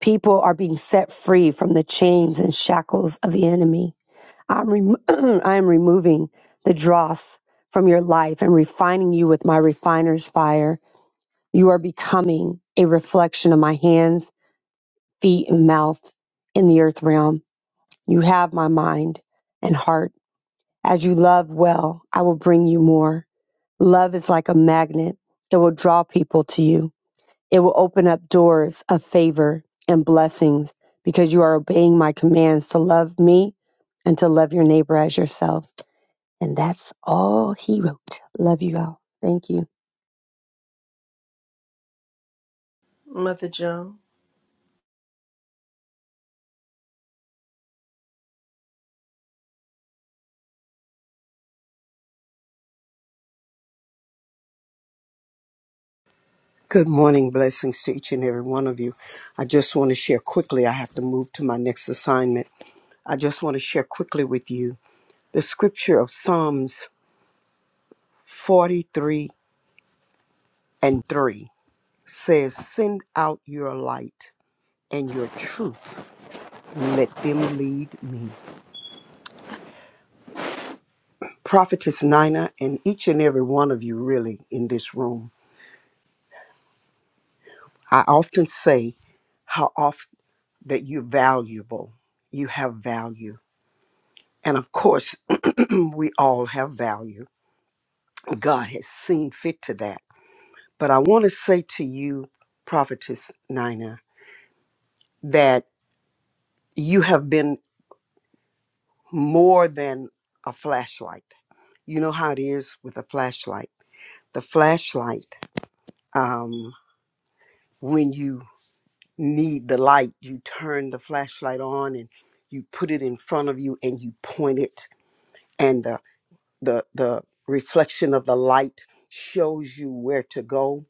Speaker 5: People are being set free from the chains and shackles of the enemy. I'm rem- I am removing the dross from your life and refining you with my refiner's fire. You are becoming a reflection of my hands, feet, and mouth in the earth realm. You have my mind and heart. As you love well, I will bring you more. Love is like a magnet, it will draw people to you. It will open up doors of favor and blessings because you are obeying my commands to love me and to love your neighbor as yourself. And that's all he wrote. Love you all. Thank you.
Speaker 2: Mother Joan.
Speaker 6: Good morning. Blessings to each and every one of you. I just want to share quickly. I have to move to my next assignment. I just want to share quickly with you the scripture of Psalms 43 and 3 says, Send out your light and your truth. Let them lead me. Prophetess Nina, and each and every one of you really in this room, I often say how oft that you're valuable. You have value And of course, we all have value. God has seen fit to that. But I want to say to you, Prophetess Nina, that you have been more than a flashlight. You know how it is with a flashlight. The flashlight, um, when you need the light, you turn the flashlight on and you put it in front of you and you point it, and the the the reflection of the light shows you where to go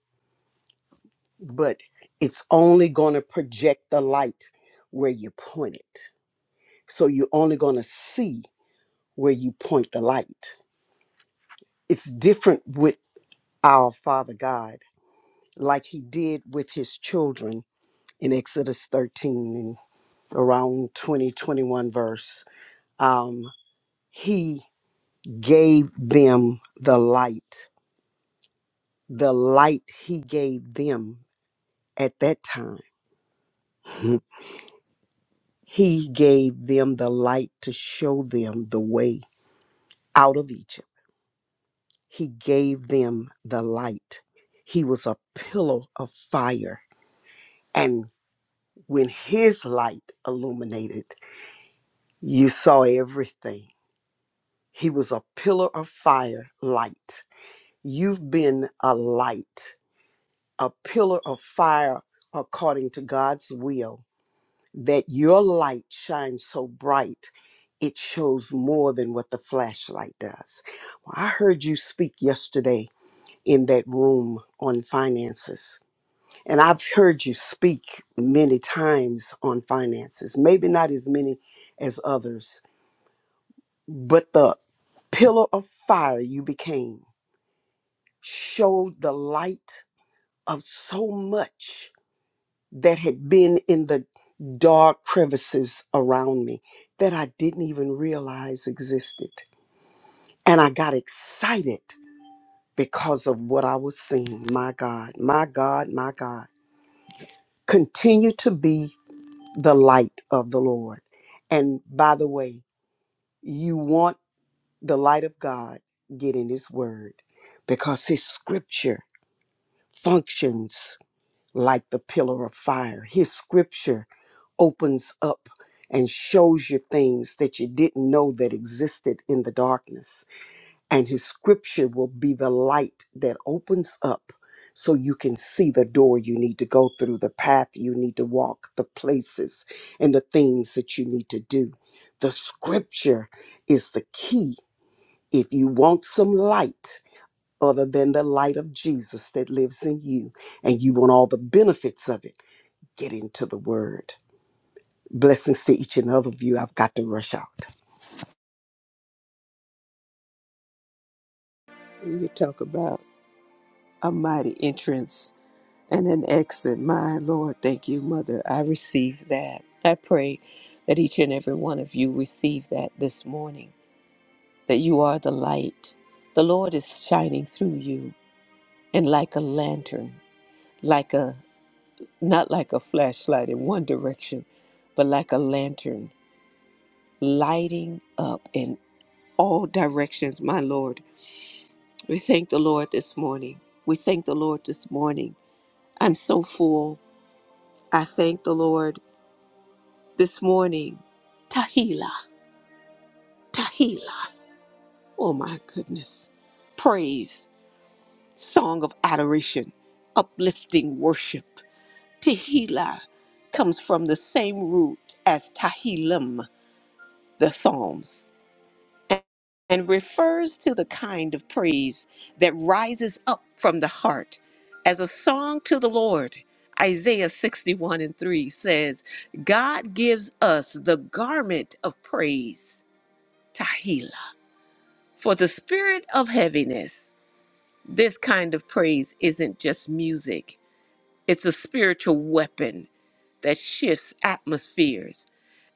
Speaker 6: but it's only going to project the light where you point it. So you're only going to see where you point the light. It's different with our Father God, like He did with His children in Exodus 13 and around 2021 verse. Um, he gave them the light, the light He gave them at that time. He gave them the light to show them the way out of Egypt. He gave them the light. He was a pillar of fire. And when his light illuminated, you saw everything. He was a pillar of fire light. You've been a light, a pillar of fire according to God's will, that your light shines so bright, it shows more than what the flashlight does. Well, I heard you speak yesterday in that room on finances. And I've heard you speak many times on finances, maybe not as many as others, but the pillar of fire you became showed the light of so much that had been in the dark crevices around me that I didn't even realize existed. And I got excited because of what I was seeing. My God, my God, my God. continue to be the light of the Lord. And by the way, you want the light of God, get in His Word because His scripture functions like the pillar of fire. His scripture opens up and shows you things that you didn't know that existed in the darkness and his scripture will be the light that opens up so you can see the door you need to go through, the path you need to walk, the places and the things that you need to do. The scripture is the key. If you want some light other than the light of Jesus that lives in you and you want all the benefits of it, get into the word. Blessings to each and other of you. I've got to rush out.
Speaker 1: You talk about a mighty entrance and an exit. My Lord, thank you, Mother. I receive that. I pray that each and every one of you receive that this morning, that you are the light. The Lord is shining through you, and like a lantern, like a not like a flashlight in one direction, but like a lantern, lighting up in all directions, my Lord. We thank the Lord this morning. We thank the Lord this morning. I'm so full. I thank the Lord This morning, Tahila, Tahila, oh my goodness, praise, song of adoration, uplifting worship. Tahila comes from the same root as Tahilim, the Psalms, and and refers to the kind of praise that rises up from the heart as a song to the Lord. Isaiah 61 and 3 says, God gives us the garment of praise, Tahila. For the spirit of heaviness, this kind of praise isn't just music, it's a spiritual weapon that shifts atmospheres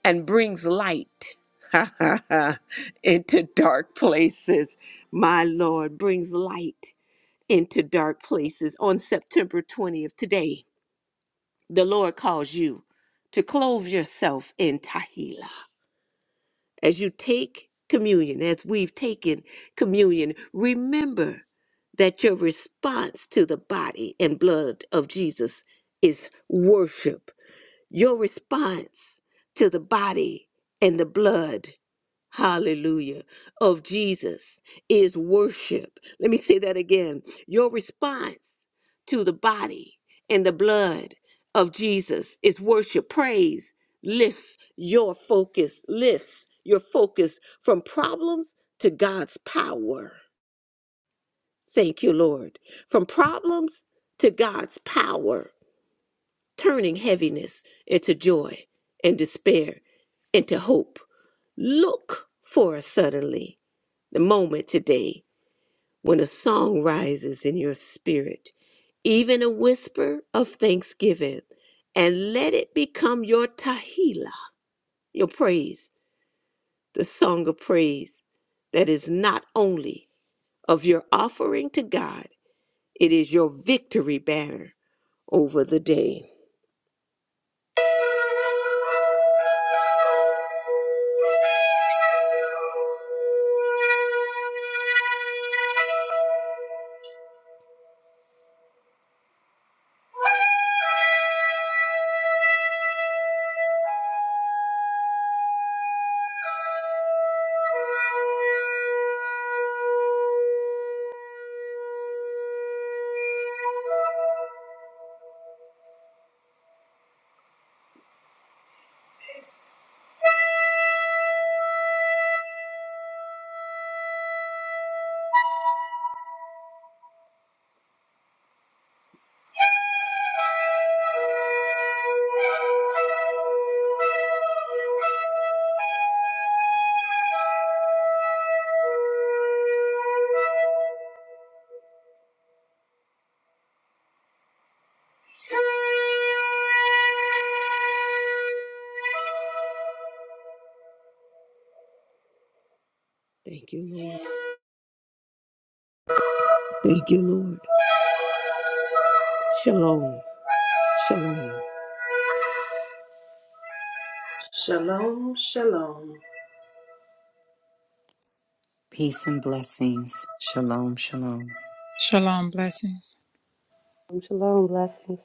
Speaker 1: and brings light into dark places. My Lord brings light into dark places. On September 20th, today, the Lord calls you to clothe yourself in Tahila As you take communion, as we've taken communion, remember that your response to the body and blood of Jesus is worship your response to the body and the blood, hallelujah, of Jesus is worship. Let me say that again. Your response to the body and the blood of Jesus is worship. Praise lifts your focus, lifts your focus from problems to God's power. Thank you, Lord. From problems to God's power turning heaviness into joy and despair into hope. Look for suddenly the moment today when a song rises in your spirit, even a whisper of thanksgiving, and let it become your tahila, your praise, the song of praise that is not only of your offering to God, it is your victory banner over the day. Thank you, Lord. Thank you, Lord. Shalom. Shalom.
Speaker 2: Shalom, shalom.
Speaker 3: Peace and blessings. Shalom. Shalom.
Speaker 4: Shalom blessings.
Speaker 5: Shalom. Blessings.